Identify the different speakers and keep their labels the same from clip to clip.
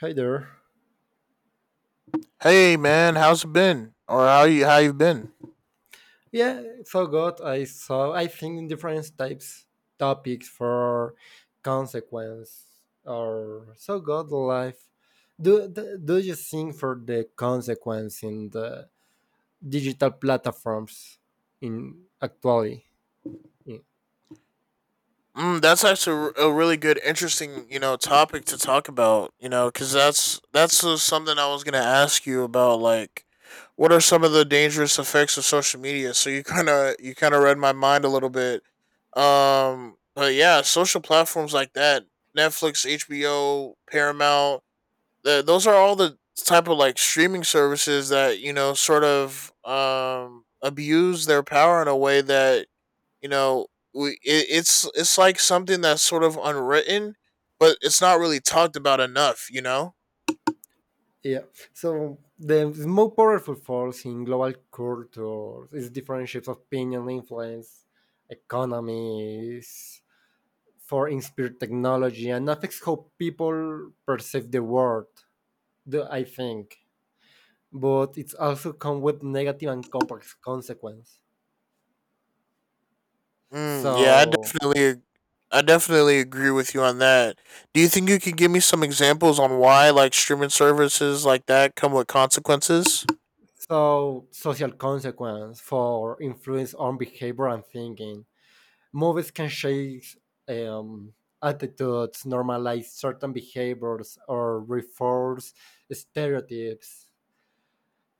Speaker 1: Hi there.
Speaker 2: Hey man, how's it been? Or how you been?
Speaker 1: Yeah, so good. I saw, I think, different types topics for consequence or so good life. Do you think for the consequence in the digital platforms in actually? Yeah.
Speaker 2: Mm, that's actually a really good, interesting, you know, topic to talk about. You know, because that's something I was gonna ask you about. Like, what are some of the dangerous effects of social media? So you kind of read my mind a little bit. But yeah, social platforms like that, Netflix, HBO, Paramount, those are all the type of like streaming services that you know sort of abuse their power in a way that you know we it's like something that's sort of unwritten but it's not really talked about enough.
Speaker 1: Yeah. So the more powerful force in global culture is different shapes of opinion, influence, economies, for inspired technology and affects how people perceive the world, I think. But it's also come with negative and complex consequence.
Speaker 2: Mm, yeah, i
Speaker 1: So,
Speaker 2: definitely i definitely agree with you on that. Do you think you could give me some examples on why like streaming services like that come with consequences?
Speaker 1: so social consequence for influence on behavior and thinking. Movies can shape um, attitudes, normalize certain behaviors, or reinforce stereotypes.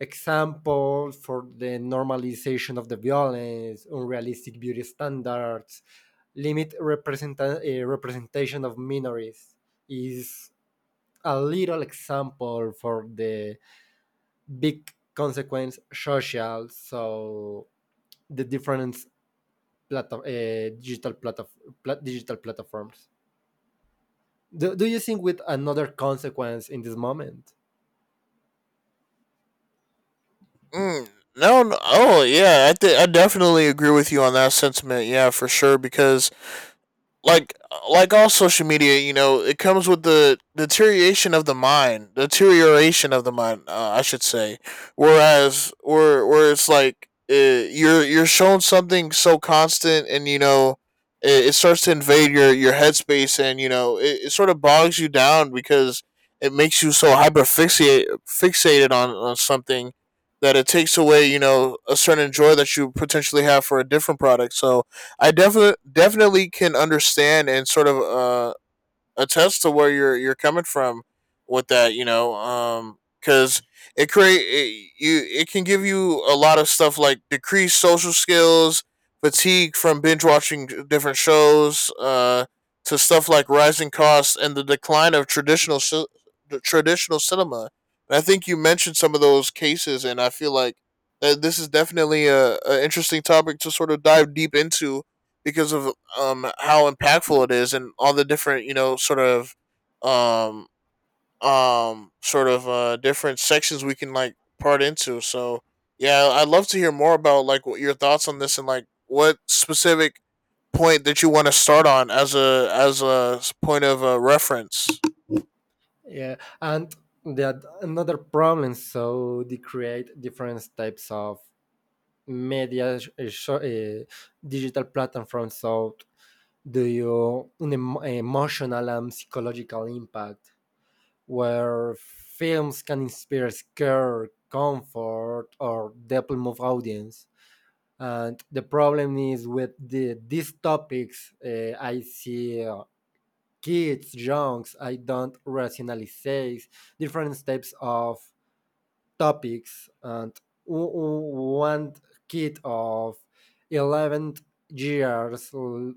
Speaker 1: Example for the normalization of the violence, unrealistic beauty standards, limit representation of minorities is a little example for the big consequence social. So the different plat- uh, digital plat- digital platforms. Do you think with another consequence in this moment?
Speaker 2: Mm, no, no. Oh, yeah. I definitely agree with you on that sentiment. Yeah, for sure. Because like like all social media, you know, it comes with the deterioration of the mind, deterioration of the mind, I should say. Whereas, where it's like you're shown something so constant, and you know, it starts to invade your headspace, and you know, it sort of bogs you down because it makes you so hyperfixate fixated on something that it takes away, you know, a certain joy that you potentially have for a different product. So I definitely definitely can understand and sort of attest to where you're coming from with that, you know, because it, you it can give you a lot of stuff like decreased social skills, fatigue from binge watching different shows, to stuff like rising costs and the decline of the traditional cinema. And I think you mentioned some of those cases, and I feel like that this is definitely a interesting topic to sort of dive deep into because of how impactful it is and all the different you know um sort of different sections we can like part into. So yeah, I'd love to hear more about like what your thoughts on this and like what specific point that you want to start on as a point of reference.
Speaker 1: Yeah, and that another problem. So they create different types of media, sh- uh, sh- uh, digital platform. So the emotional and psychological impact, where films can inspire scare, comfort, or deeply move audience. And the problem is with these topics, I see kids, youngs. I don't rationalize different types of topics. And one kid of 11 years l-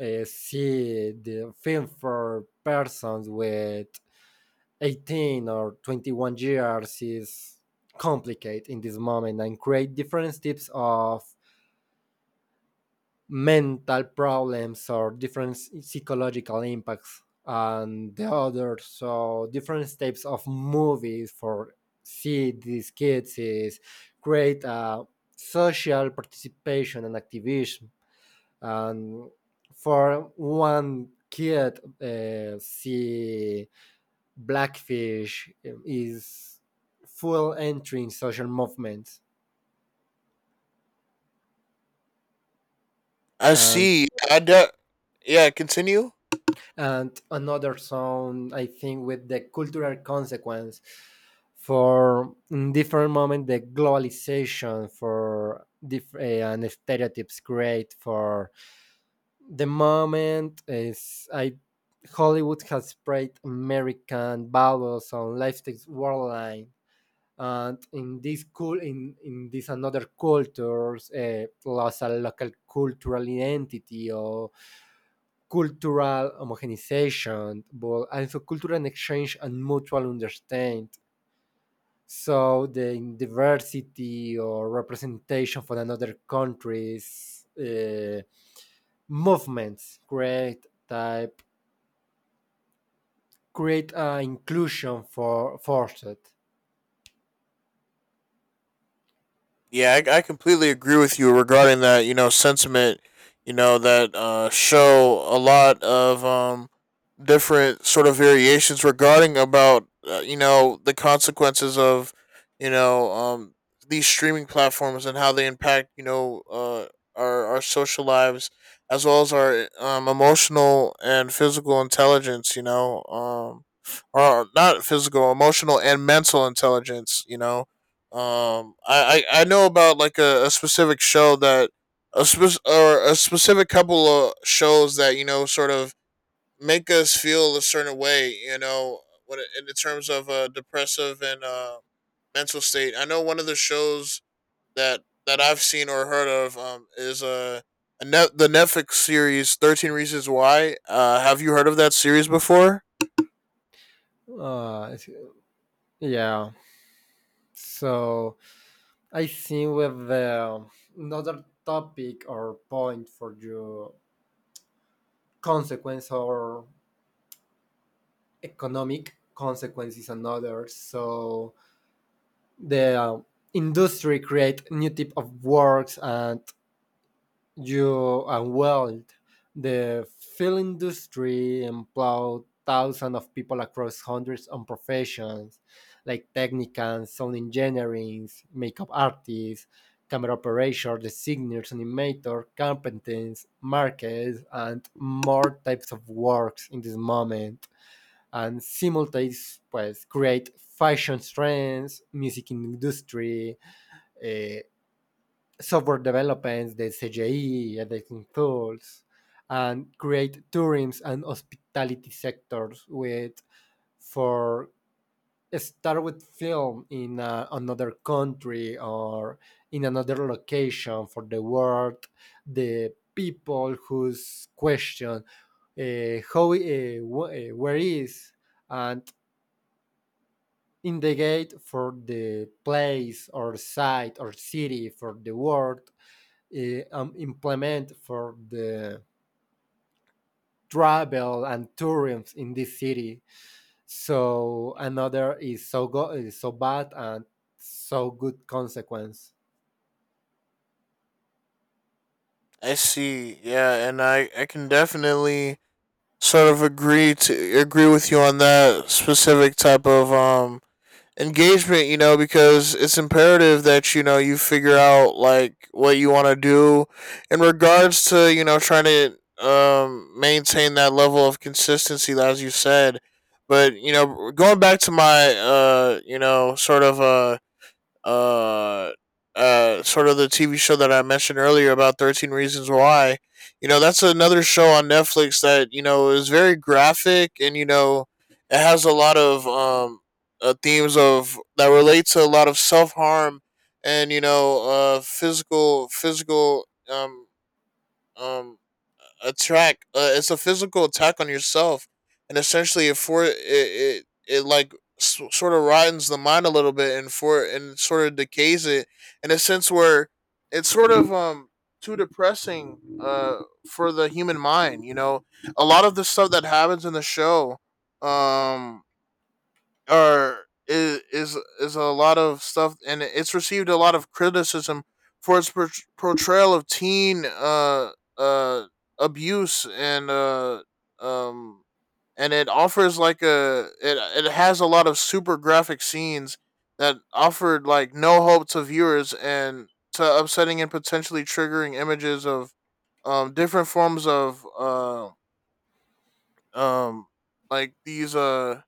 Speaker 1: uh, see the film for persons with 18 or 21 years is complicated in this moment and create different types of mental problems or different psychological impacts and the other so different types of movies for see these kids is create a social participation and activism and for one kid see blackfish is full entry in social movements
Speaker 2: I
Speaker 1: and
Speaker 2: see I de- Yeah, continue.
Speaker 1: and another song I think with the cultural consequence for in different moment the globalization for and stereotypes create for the moment is I hollywood has spread american values on lifestyles worldline and in this cool in this another cultures lost a local cultural identity or cultural homogenization, but also cultural exchange and mutual understanding. So the diversity or representation from another countries movements create type create inclusion for forced.
Speaker 2: Yeah, I completely agree with you regarding that. You know, sentiment. You know that show a lot of different sort of variations regarding about you know the consequences of you know these streaming platforms and how they impact you know our social lives as well as our emotional and physical intelligence. You know, or not physical, emotional and mental intelligence. You know, I know about like a specific show that a specific couple of shows that you know sort of make us feel a certain way. You know, when it, in the terms of depressive and mental state. I know one of the shows that I've seen or heard of is a net the Netflix series 13 Reasons Why. Have you heard of that series before?
Speaker 1: Uh, yeah. So I think with the another topic or point for you consequence or economic consequences and others. So the industry create new type of works and you and world. The film industry employed thousands of people across hundreds of professions like technicians, sound engineering, makeup artists, camera operators, designers, animators, carpenters, markets, and more types of works in this moment and simultaneously pues, create fashion trends, music industry, eh, software developments, the CGI, editing tools, and create tourism and hospitality sectors with for start with film in another country or in another location for the world the people whose question where is and Indicate for the place or site or city for the world implement for the travel and tourism in this city so another is is so bad and so good consequence
Speaker 2: I see. Yeah, and I can definitely agree with you on that specific type of engagement, you know, because it's imperative that you know you figure out like what you want to do in regards to you know trying to maintain that level of consistency as you said. But you know, going back to my you know uh, sort of the TV show that I mentioned earlier about 13 Reasons Why. You know, that's another show on Netflix that, you know, is very graphic and, you know, it has a lot of themes of that relate to a lot of self harm and, you know, physical, um attack. It's a physical attack on yourself, and essentially it, it like sort of rottens the mind a little bit and for and sort of decays it in a sense where it's sort of too depressing for the human mind. You know, a lot of the stuff that happens in the show um or is a lot of stuff, and it's received a lot of criticism for portrayal of teen uh abuse um and it offers like a it it has a lot of super graphic scenes that offered like no hope to viewers and to upsetting and potentially triggering images of different forms of um like these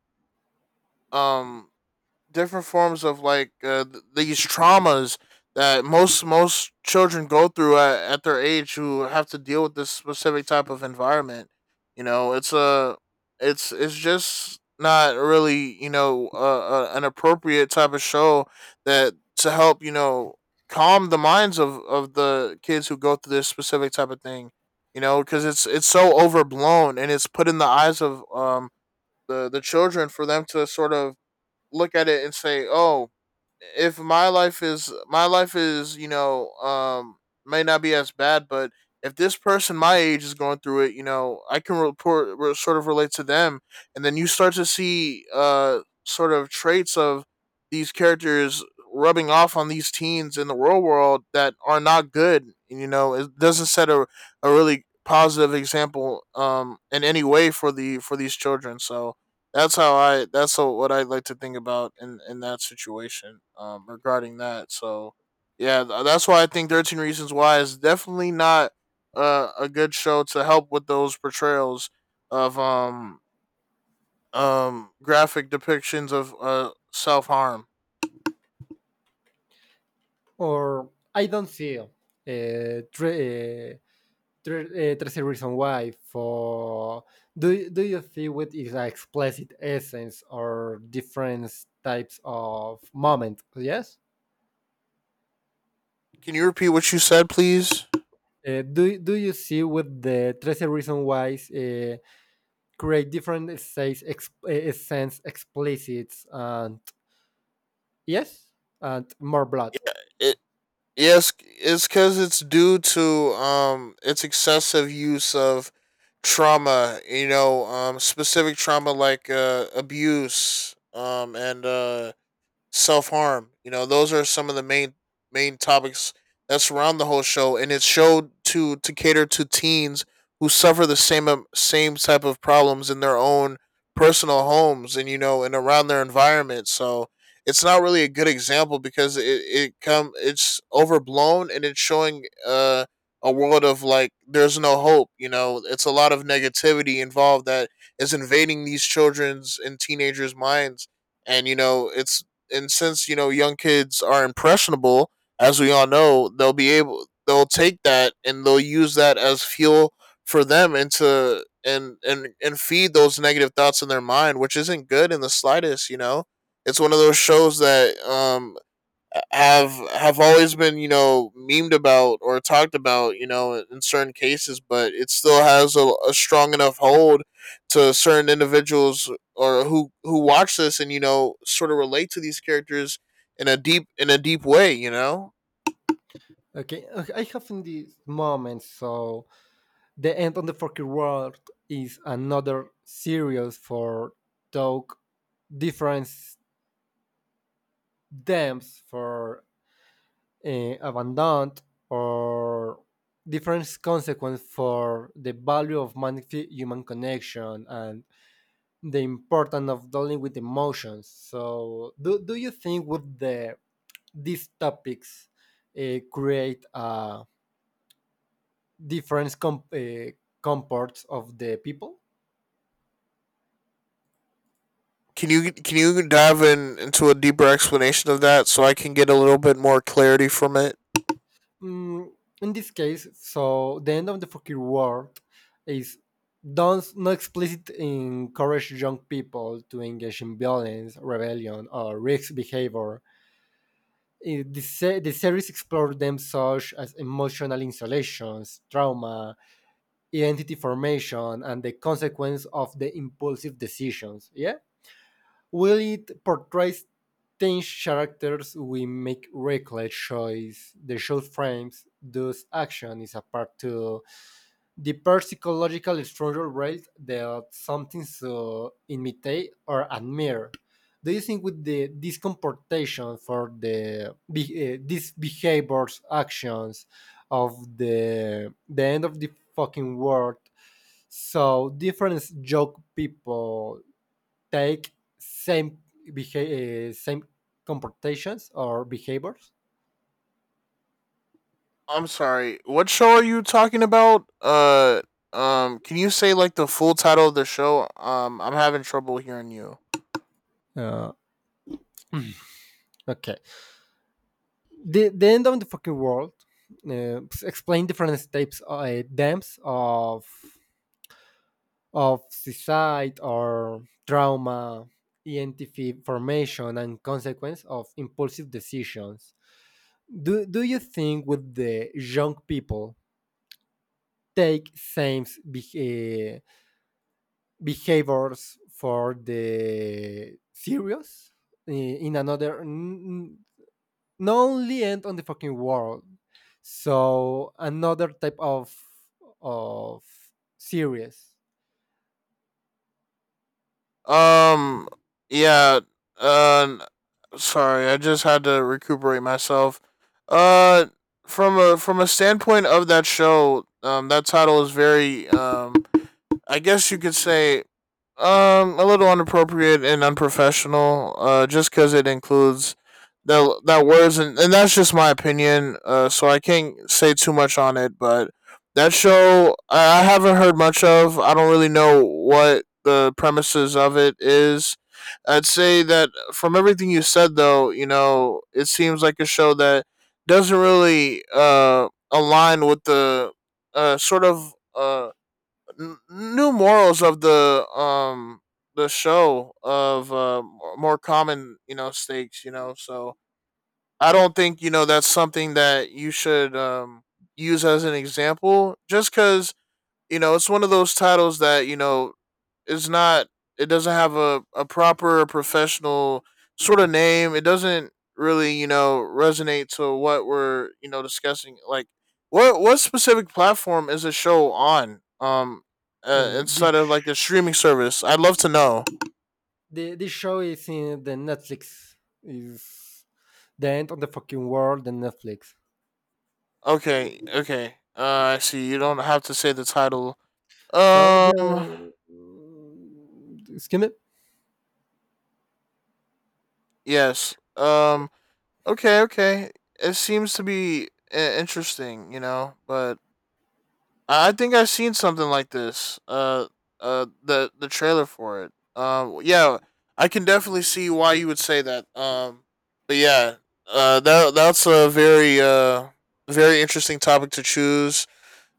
Speaker 2: um different forms of like these traumas that most children go through at their age who have to deal with this specific type of environment. You know, it's just not really you know an appropriate type of show that to help you know calm the minds of the kids who go through this specific type of thing. You know, because it's so overblown and it's put in the eyes of the children for them to sort of look at it and say, "Oh, if my life is my life is, you know, may not be as bad, but if this person my age is going through it, you know, I can sort of relate to them." And then you start to see sort of traits of these characters rubbing off on these teens in the real world that are not good. You know, it doesn't set a really positive example in any way for the for these children. So, That's how, what I like to think about in that situation. Regarding that, so yeah, that's why I think 13 Reasons Why is definitely not a good show to help with those portrayals of graphic depictions of self harm.
Speaker 1: or I don't see 13 Reasons Why for do you see with its explicit essence or different types of moment? Yes.
Speaker 2: Can you repeat what you said, please?
Speaker 1: Do you see with the 13 Reasons Why create different essence explicit and yes, and more blood?
Speaker 2: Yeah, it yes, it's because it's due to its excessive use of trauma. You know, specific trauma like abuse, and self harm. You know, those are some of the main topics that surround the whole show, and it's showed to cater to teens who suffer the same same type of problems in their own personal homes and you know and around their environment. So it's not really a good example because it's overblown and it's showing a world of like there's no hope. You know, it's a lot of negativity involved that is invading these children's and teenagers minds, and you know it's and since you know young kids are impressionable, as we all know, they'll be able they'll take that and they'll use that as fuel for them into and feed those negative thoughts in their mind, which isn't good in the slightest. You know, it's one of those shows that have always been you know memed about or talked about you know in certain cases but it still has a strong enough hold to certain individuals or who watch this and you know sort of relate to these characters in a deep way, you know.
Speaker 1: Okay, I have in this moment, so the end on the fucking world is another series for talk difference dams for abandoned or different consequence for the value of human connection and the importance of dealing with emotions. So, do you think would the these topics create a different comports of the people?
Speaker 2: Can you can you dive in into a deeper explanation of that so I can get a little bit more clarity from it?
Speaker 1: Mm, in this case, so the end of the fucking world is don't not explicit encourage young people to engage in violence, rebellion, or risk behavior. The, the series explores them such as emotional installations, trauma, identity formation, and the consequence of the impulsive decisions. Yeah, Will it portrays ten characters we make reckless choice. The show frames those action is a part to the psychological structure rate that something to imitate or admire. Do you think with the this comportation for the these behaviors actions of the end of the fucking world so different joke people take same same comportations or behaviors.
Speaker 2: I'm sorry. What show are you talking about? Can you say like the full title of the show? I'm having trouble hearing you.
Speaker 1: Uh, okay. The end of the fucking world uh, explain different types of dams of suicide or trauma, ENTP formation, and consequence of impulsive decisions. Do you think would the young people take behaviors for the series in another not only end on the fucking world so another type of of series
Speaker 2: Um, yeah. Uh, sorry. I just had to recuperate myself. Uh, from a standpoint of that show, that title is very I guess you could say a little inappropriate and unprofessional. Just because it includes that words and that's just my opinion. So I can't say too much on it. But that show I haven't heard much of. I don't really know what the premises of it is. I'd say that from everything you said, though, you know, it seems like a show that doesn't really align with the uh sort of uh new morals of the show of more common you know stakes. You know, so I don't think you know that's something that you should use as an example just because you know it's one of those titles that you know is not it doesn't have a proper professional sort of name. It doesn't really, you know, resonate to what we're, you know, discussing. Like what specific platform is the show on?
Speaker 1: This
Speaker 2: Instead of like a streaming service. I'd love to know.
Speaker 1: this show is in the netflix is the end on the fucking world and netflix
Speaker 2: Okay, okay. I see. You don't have to say the title.
Speaker 1: so
Speaker 2: Um
Speaker 1: the excuse
Speaker 2: yes. Okay, okay. It seems to be interesting, you know, but I think I've seen something like this. The trailer for it. Yeah, I can definitely see why you would say that. But yeah, that's a very very interesting topic to choose.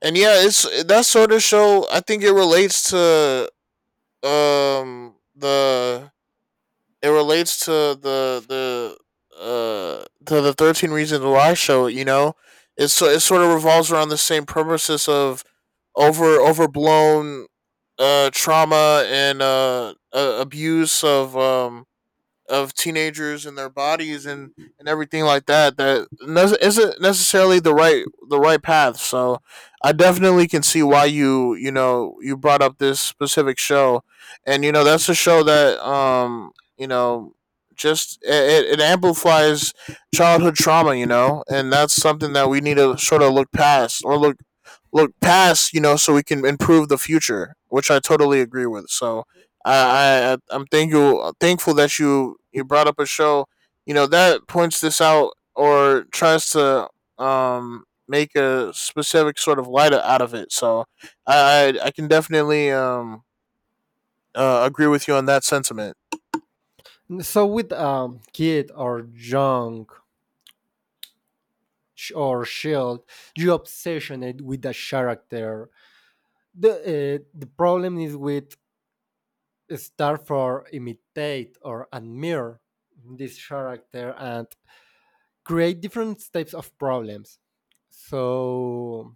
Speaker 2: And yeah, it's that sort of show. I think it relates to the it relates to the 13 reasons why show. You know, it sort of revolves around the same purposes of overblown trauma and abuse of teenagers and their bodies, and everything like that that not necessarily the right path. So I definitely can see why you brought up this specific show, and you know that's a show that you know just it amplifies childhood trauma, you know, and that's something that we need to sort of look past, or look look past, you know, so we can improve the future, which I totally agree with. So I'm thankful that you brought up a show, you know, that points this out or tries to make a specific sort of light out of it. So I can definitely agree with you on that sentiment.
Speaker 1: me so with kid or young sh- or shield you obsessioned with the character the the problem is with start for imitate or admire this character and create different types of problems so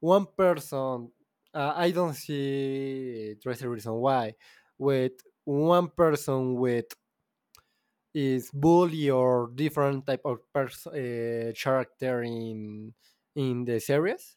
Speaker 1: one person I don't see there's a reason why with one person with is bully or different type of character in the series?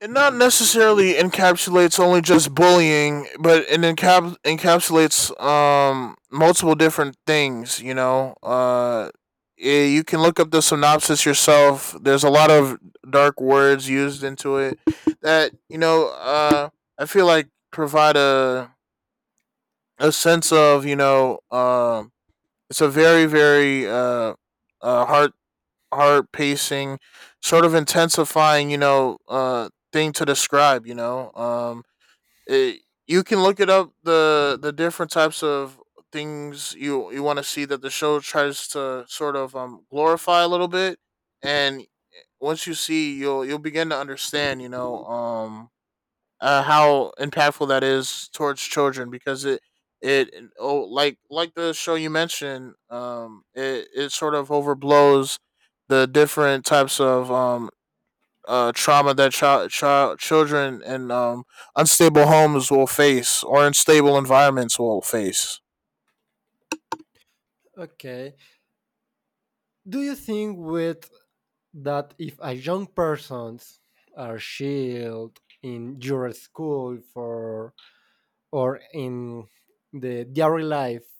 Speaker 2: It not necessarily encapsulates only just bullying, but it encapsulates multiple different things. You know, you can look up the synopsis yourself. There's a lot of dark words used into it that you know. I feel like provide a sense of you know. It's a very hard heart pacing, sort of intensifying, you know, thing to describe. You know, it, you can look it up the different types of things you you want to see that the show tries to sort of glorify a little bit, and once you see, you'll begin to understand. You know, how impactful that is towards children because it oh, like the show you mentioned, it sort of overblows the different types of trauma that children in unstable homes will face, or unstable environments will face.
Speaker 1: Okay. Do you think with that if a young persons are shield in your school for or in the daily life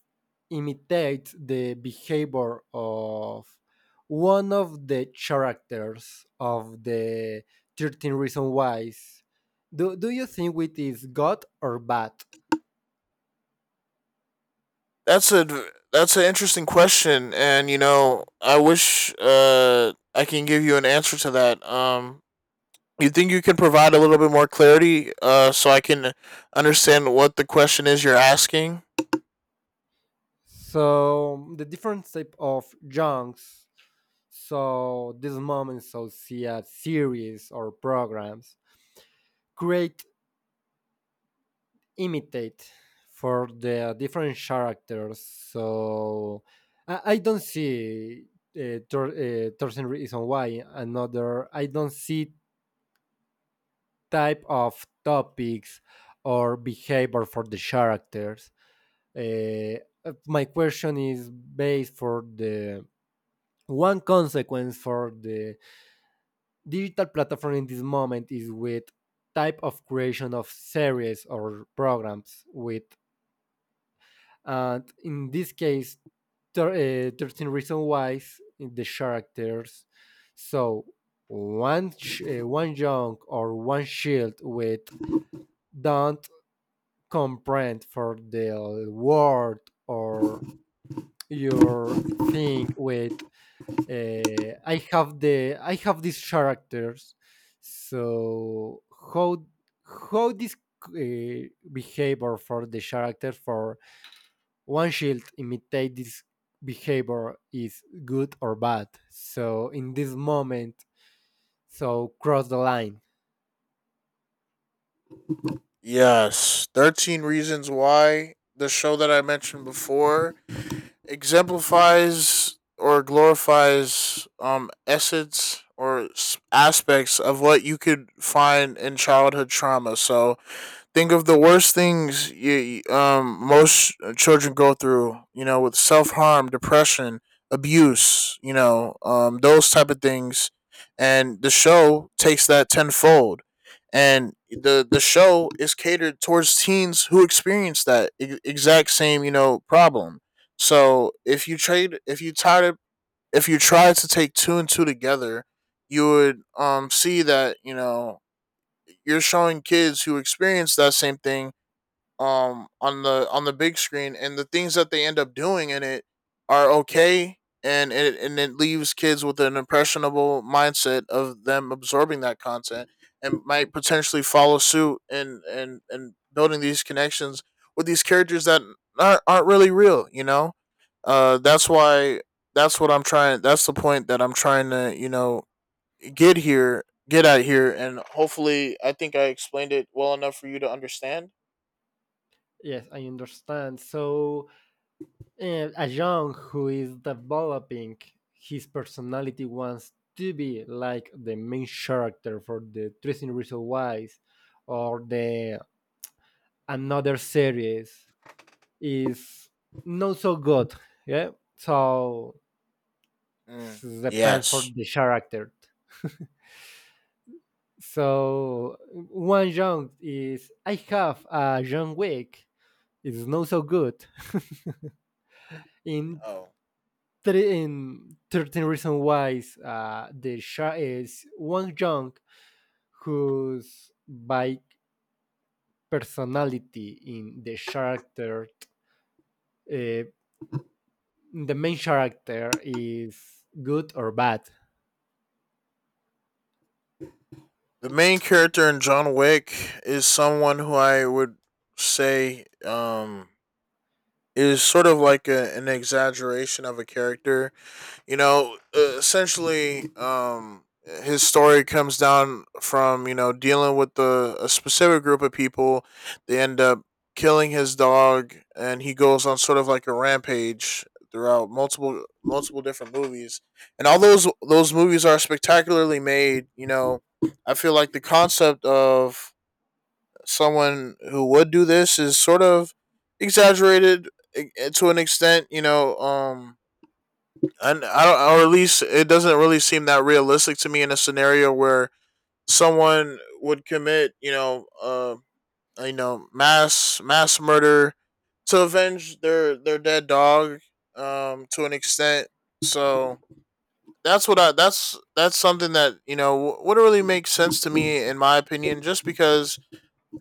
Speaker 1: imitates the behavior of one of the characters of the 13 reasons whys do you think it is good or bad
Speaker 2: That's a that's an interesting question, and you know I wish I can give you an answer to that. You think you can provide a little bit more clarity, so I can understand what the question is you're asking?
Speaker 1: so the different type of junks so this moment so see a series or programs great imitate for the different characters. So I don't see Thorsten reason why another. I don't see type of topics or behavior for the characters. My question is based for the one consequence for the digital platform in this moment is with type of creation of series or programs with And in this case, 13 Reasons Why, the characters. So one young or one shield with don't comprehend for the word or your thing with I have these characters. So how how this behavior for the character for one shield imitate this behavior is good or bad. So in this moment, so cross the line.
Speaker 2: Yes. 13 Reasons Why, the show that I mentioned before, exemplifies or glorifies, essence or aspects of what you could find in childhood trauma. So think of the worst things you, most children go through, you know, with self-harm, depression, abuse, you know, those type of things. And the show takes that tenfold, and the show is catered towards teens who experience that exact same, you know, problem. So if you try to, if you try to take two and two together, you would see that, you know, you're showing kids who experience that same thing on the big screen, and the things that they end up doing in it are okay. And it leaves kids with an impressionable mindset of them absorbing that content, and might potentially follow suit, and building these connections with these characters that aren't really real, you know. That's why, that's the point that I'm trying to, you know, get here get at here. And hopefully I think I explained it well enough for you to understand.
Speaker 1: Yes, I understand. So a young who is developing his personality wants to be like the main character for the Dressing Reason Wise or the another series is not so good. Yeah, so
Speaker 2: Mm.
Speaker 1: depend for
Speaker 2: Yes.
Speaker 1: the character. So one junk is I have a junk week. It's not so good. in
Speaker 2: Oh.
Speaker 1: three, in 13 reasons why the shark is one junk whose by personality in the character uh, the main character is good or bad.
Speaker 2: The main character in John Wick is someone who I would say is sort of like a, an exaggeration of a character, you know, essentially, his story comes down from, you know, dealing with the, a specific group of people. They end up killing his dog, and he goes on sort of like a rampage throughout multiple different movies. And all those movies are spectacularly made. You know, I feel like the concept of someone who would do this is sort of exaggerated, to an extent. You know, and I don't, or at least it doesn't really seem that realistic to me in a scenario where someone would commit, you know, mass murder to avenge their dead dog, to an extent. So that's what I, that's something that you know would not really make sense to me in my opinion, just because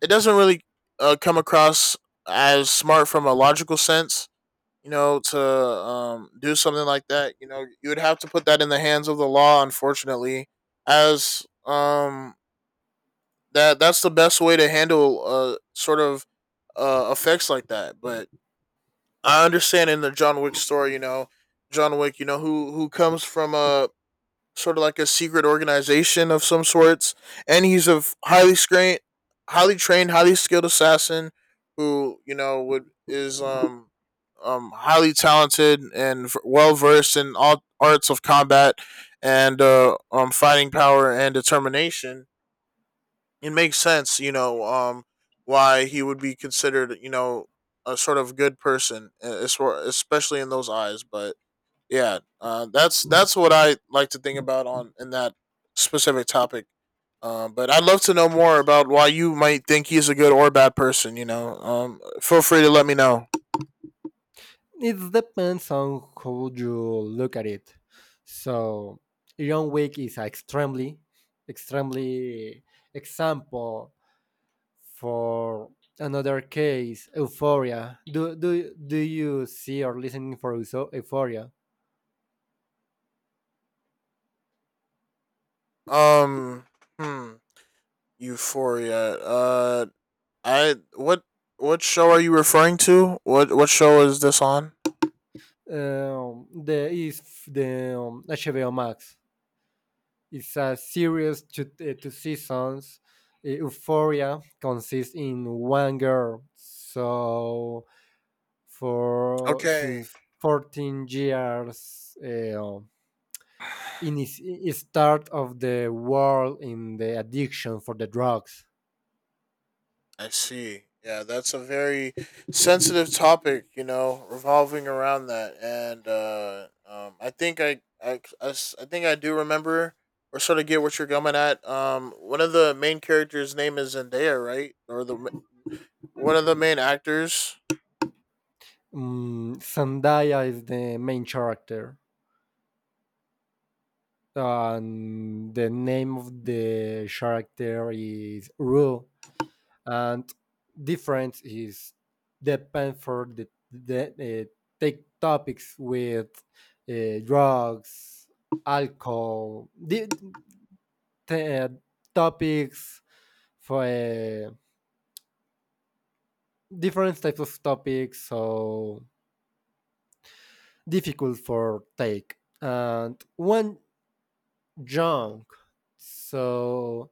Speaker 2: it doesn't really come across as smart from a logical sense, you know, to do something like that. You know, you would have to put that in the hands of the law, unfortunately, as that's the best way to handle, sort of effects like that. But I understand in the John Wick story, you know, John Wick, you know, who comes from a sort of like a secret organization of some sorts, and he's a highly trained, highly skilled assassin who you know would is highly talented and well versed in all arts of combat, and fighting power and determination. It makes sense, you know, why he would be considered, you know, a sort of good person, especially in those eyes. But yeah, that's what I like to think about on in that specific topic. But I'd love to know more about why you might think he's a good or bad person, you know. Feel free to let me know.
Speaker 1: It depends on how you look at it. So Iron Week is an extremely, extremely example for another case, Euphoria. Do you see or listening for Euphoria?
Speaker 2: um hmm, Euphoria, I what show are you referring to, what show is this on?
Speaker 1: The is the HBO Max. It's a series to two seasons. Euphoria consists in one girl, so for so
Speaker 2: Okay.
Speaker 1: 14 years, in the start of the world in the addiction for the drugs.
Speaker 2: I see. Yeah, that's a very sensitive topic, you know, revolving around that. And I think I I think I do remember or sort of get what you're coming at. One of the main characters' name is Zendaya, right? Or one of the main actors.
Speaker 1: Zendaya is the main character, and the name of the character is Rue and difference is depend for the take topics with drugs, alcohol, di- t- uh, topics for different types of topics, so difficult for take. And one junk. So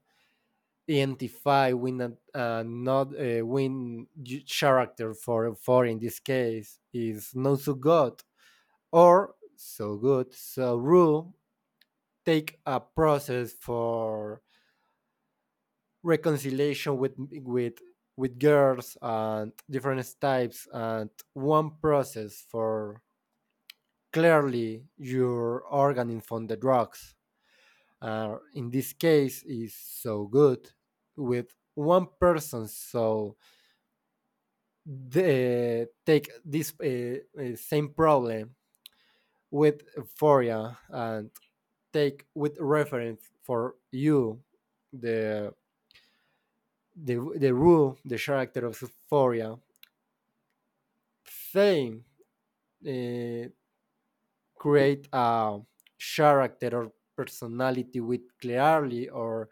Speaker 1: identify with an, not win character for in this case is not so good or so good, so rule take a process for reconciliation with girls and different types and one process for clearly your organ from the drugs. In this case is so good with one person so they take this same problem with euphoria and take with reference for you the the, the rule, the character of Euphoria, saying uh, create a character or personality with clearly or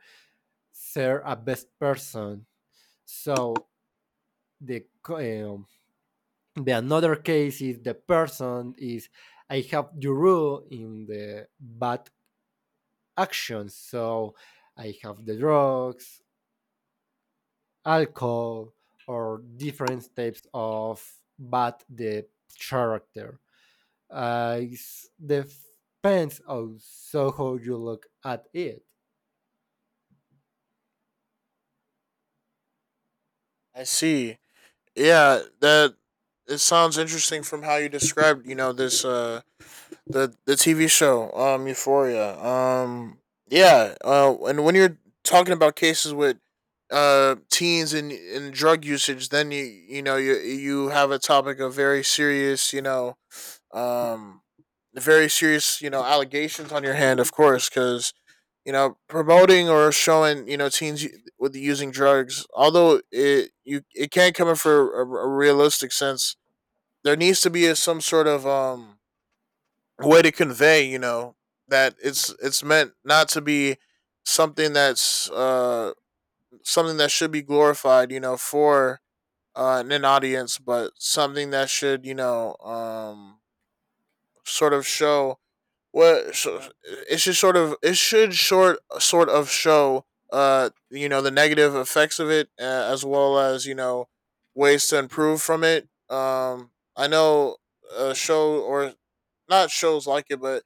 Speaker 1: ser a best person. So the um, the another case is the person is I have the rule in the bad actions. So I have the drugs, alcohol or different types of bad the character. It depends on so how you look at it.
Speaker 2: I see. Yeah, that it sounds interesting from how you described. You know this. The TV show, Euphoria. Yeah. And when you're talking about cases with teens and drug usage, then you you have a topic of very serious, you know, um, very serious, you know, allegations on your hand, of course, because you know promoting or showing, you know, teens with using drugs, although it, you, it can't come in for a realistic sense. There needs to be a, some sort of way to convey, you know, that it's meant not to be something that's something that should be glorified, you know, for an audience, but something that should, you know, sort of show what so it should sort of it should short sort of show you know the negative effects of it, as well as you know ways to improve from it. I know a show, or not shows like it, but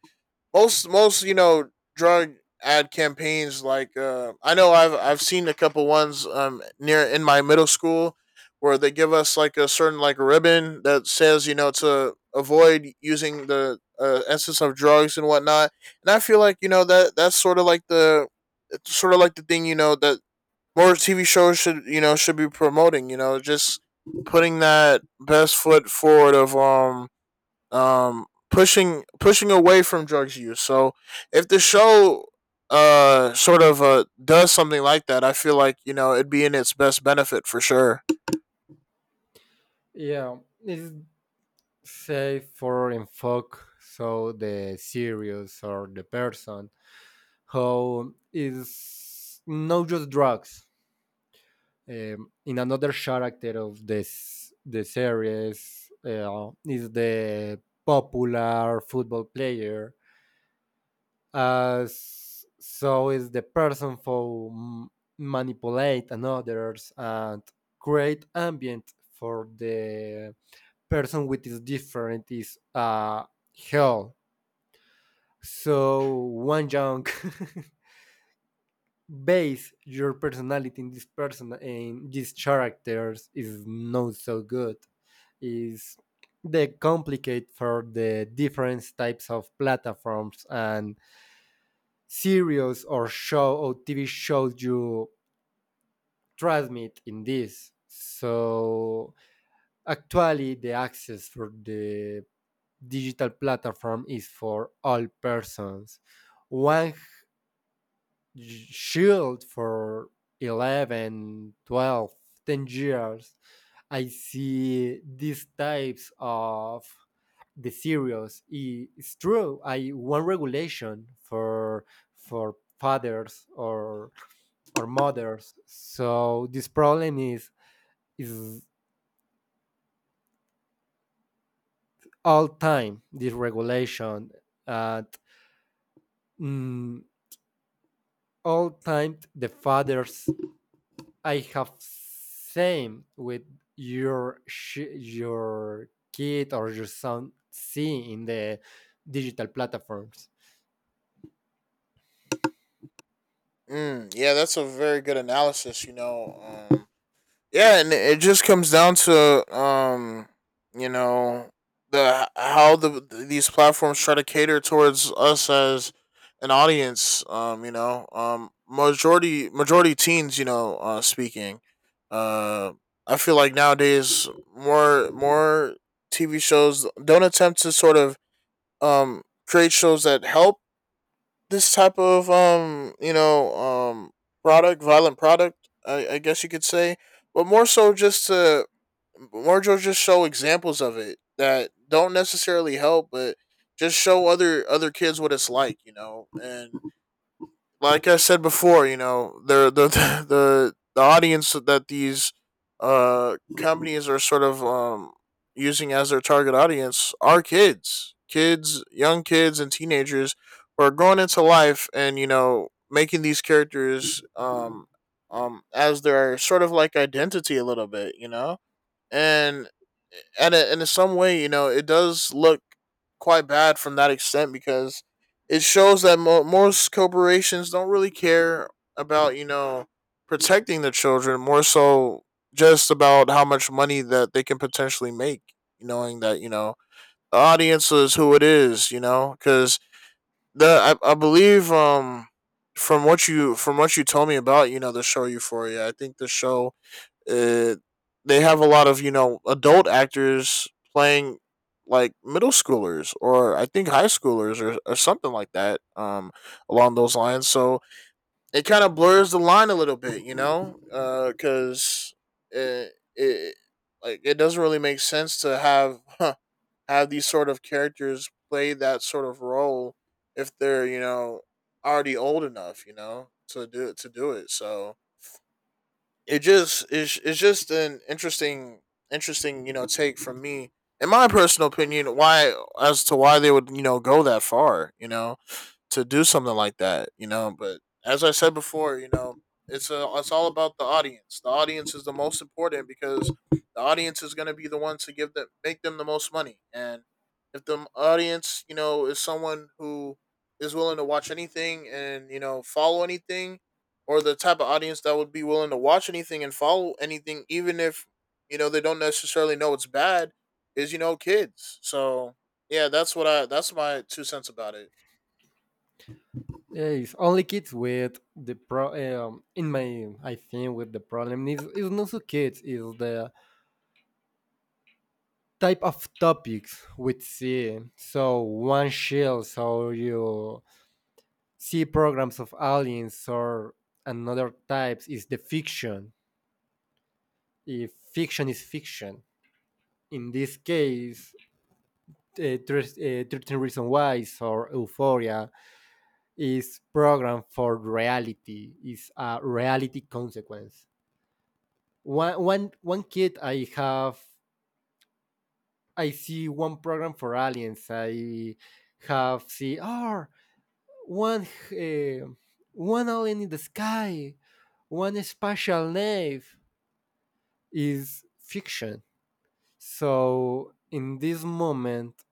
Speaker 2: most you know drug ad campaigns like, I know I've seen a couple ones near in my middle school where they give us like a certain like ribbon that says you know to avoid using the, essence of drugs and whatnot, and I feel like you know that that's sort of like the it's sort of like the thing you know that more TV shows should you know should be promoting you know just putting that best foot forward of pushing away from drugs use. So if the show sort of does something like that, I feel like you know it'd be in its best benefit for sure.
Speaker 1: Yeah, it's say for in folk, so the series or the person who is not just drugs in another character of this the series is the popular football player, as so is the person who manipulate others and create ambient for the person which is different is hell. So one young base your personality in this person in these characters is not so good. Is they complicate for the different types of platforms and series or show or TV shows you transmit in this. So actually the access for the digital platform is for all persons. One shield for 11, 12, 10 years I see these types of the serials it's true I want regulation for fathers or mothers so this problem is is all time this regulation at mm, all time the fathers I have same with your kid or your son see in the digital platforms.
Speaker 2: Mm, yeah, that's a very good analysis. You know, um, yeah, and it just comes down to, you know, the how the these platforms try to cater towards us as an audience. You know, majority teens. You know, speaking. Uh, I feel like nowadays more TV shows don't attempt to sort of um create shows that help this type of product violent product I guess you could say, but more so just to more so just show examples of it that don't necessarily help but just show other kids what it's like and like I said before, the the audience that these companies are sort of using as their target audience are kids, kids, young kids, and teenagers who are going into life and you know making these characters as their sort of like identity a little bit, you know, and and in some way, you know, it does look quite bad from that extent because it shows that most corporations don't really care about you know protecting their children, more so just about how much money that they can potentially make, knowing that you know the audience is who it is, you know, because I believe from what you told me about you know the show Euphoria, I think the show uh, they have a lot of you know adult actors playing like middle schoolers or I think high schoolers, or something like that, along those lines. So it kind of blurs the line a little bit, cuz it like it doesn't really make sense to have have these sort of characters play that sort of role if they're you know already old enough you know to do it. So it just is. It's just an interesting you know take from me, in my personal opinion, why as to why they would you know go that far you know to do something like that, you know. But as I said before, you know, it's all about the audience. The audience is the most important because the audience is going to be the ones to give them make them the most money. And if the audience, you know, is someone who is willing to watch anything and you know follow anything, or the type of audience that would be willing to watch anything and follow anything, even if you know they don't necessarily know it's bad, is you know kids. So yeah, that's what I that's my two cents about it.
Speaker 1: Eh, It's only kids with the pro. In my, I think with the problem is not so kids is the type of topics we see. So one shield, so you see programs of aliens or another types is the fiction. If fiction is fiction, in this case, 13 Reasons Why or Euphoria is programmed for reality, is a reality consequence. One kid I have, I see one program for aliens. I have see, oh, one, uh, one alien in the sky, one spatial nave is fiction. So in this moment,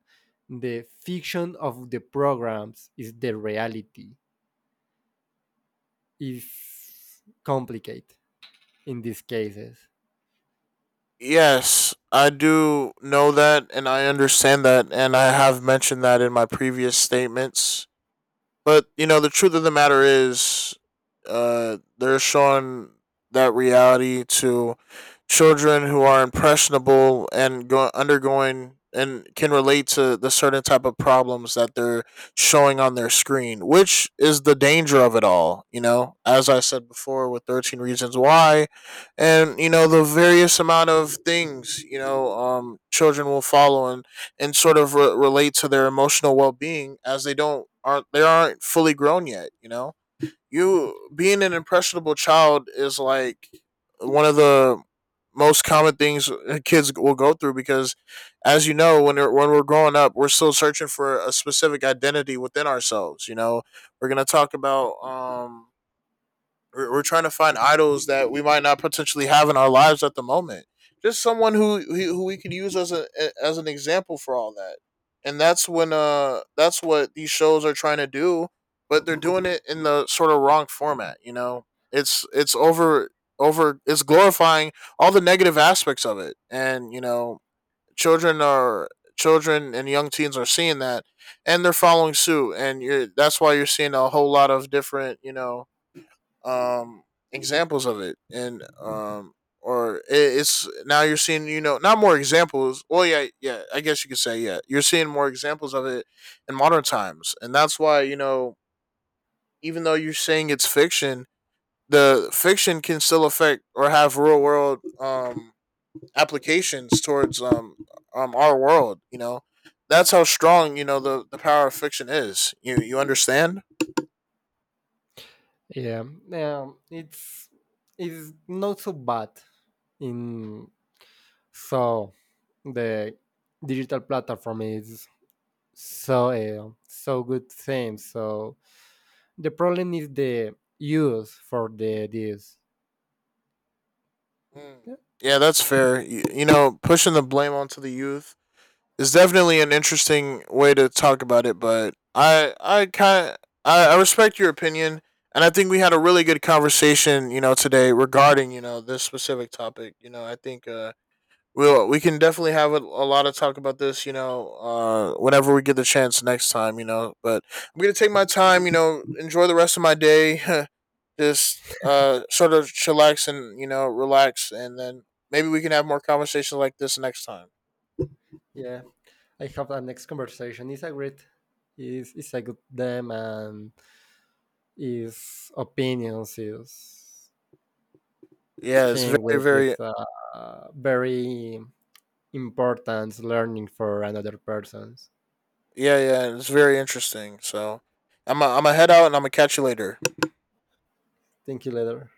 Speaker 1: the fiction of the programs is the reality is complicated in these cases.
Speaker 2: Yes, I do know that and I understand that and I have mentioned that in my previous statements, but you know, the truth of the matter is, they're showing that reality to children who are impressionable and undergoing and can relate to the certain type of problems that they're showing on their screen, which is the danger of it all. You know, as I said before, with 13 reasons why, and you know the various amount of things, children will follow and sort of relate to their emotional well-being as they don't aren't fully grown yet, you know. You being an impressionable child is like one of the most common things, kids will go through, because as you know, when we're growing up we're still searching for a specific identity within ourselves, you know. We're going to talk about We're trying to find idols that we might not potentially have in our lives at the moment. Just someone who we could use as a as an example for all that. And that's when that's what these shows are trying to do, but they're doing it in the sort of wrong format, you know. It's over it's glorifying all the negative aspects of it. And, you know, children are children and young teens are seeing that, and they're following suit, and you're that's why you're seeing a whole lot of different, you know, um examples of it, and or it, it's now you're seeing you know not more examples well yeah yeah I guess you could say, yeah, you're seeing more examples of it in modern times. And that's why you know, even though you're saying it's fiction, the fiction can still affect or have real world applications towards our world. You know, that's how strong you know the power of fiction is. You understand?
Speaker 1: Yeah, um, it's it's not so bad in so the digital platform is so good thing. So the problem is the use for the this.
Speaker 2: Mm.
Speaker 1: Yeah,
Speaker 2: Yeah, that's fair. You know, pushing the blame onto the youth is definitely an interesting way to talk about it. But I kind I respect your opinion, and I think we had a really good conversation, you know, today regarding you know this specific topic. You know, I think we can definitely have a lot of talk about this. You know, whenever we get the chance next time. You know, but I'm gonna take my time, you know, enjoy the rest of my day. Just sort of chillax and you know relax, and then maybe we can have more conversations like this next time.
Speaker 1: yeah. I have a next conversation. It's a great, is a good them and his opinions is
Speaker 2: Yeah, it's
Speaker 1: thing
Speaker 2: very
Speaker 1: which is
Speaker 2: very
Speaker 1: very important learning for another persons.
Speaker 2: Yeah, yeah, it's very interesting. So, I'm gonna head out and I'm gonna catch you later.
Speaker 1: Thank you later.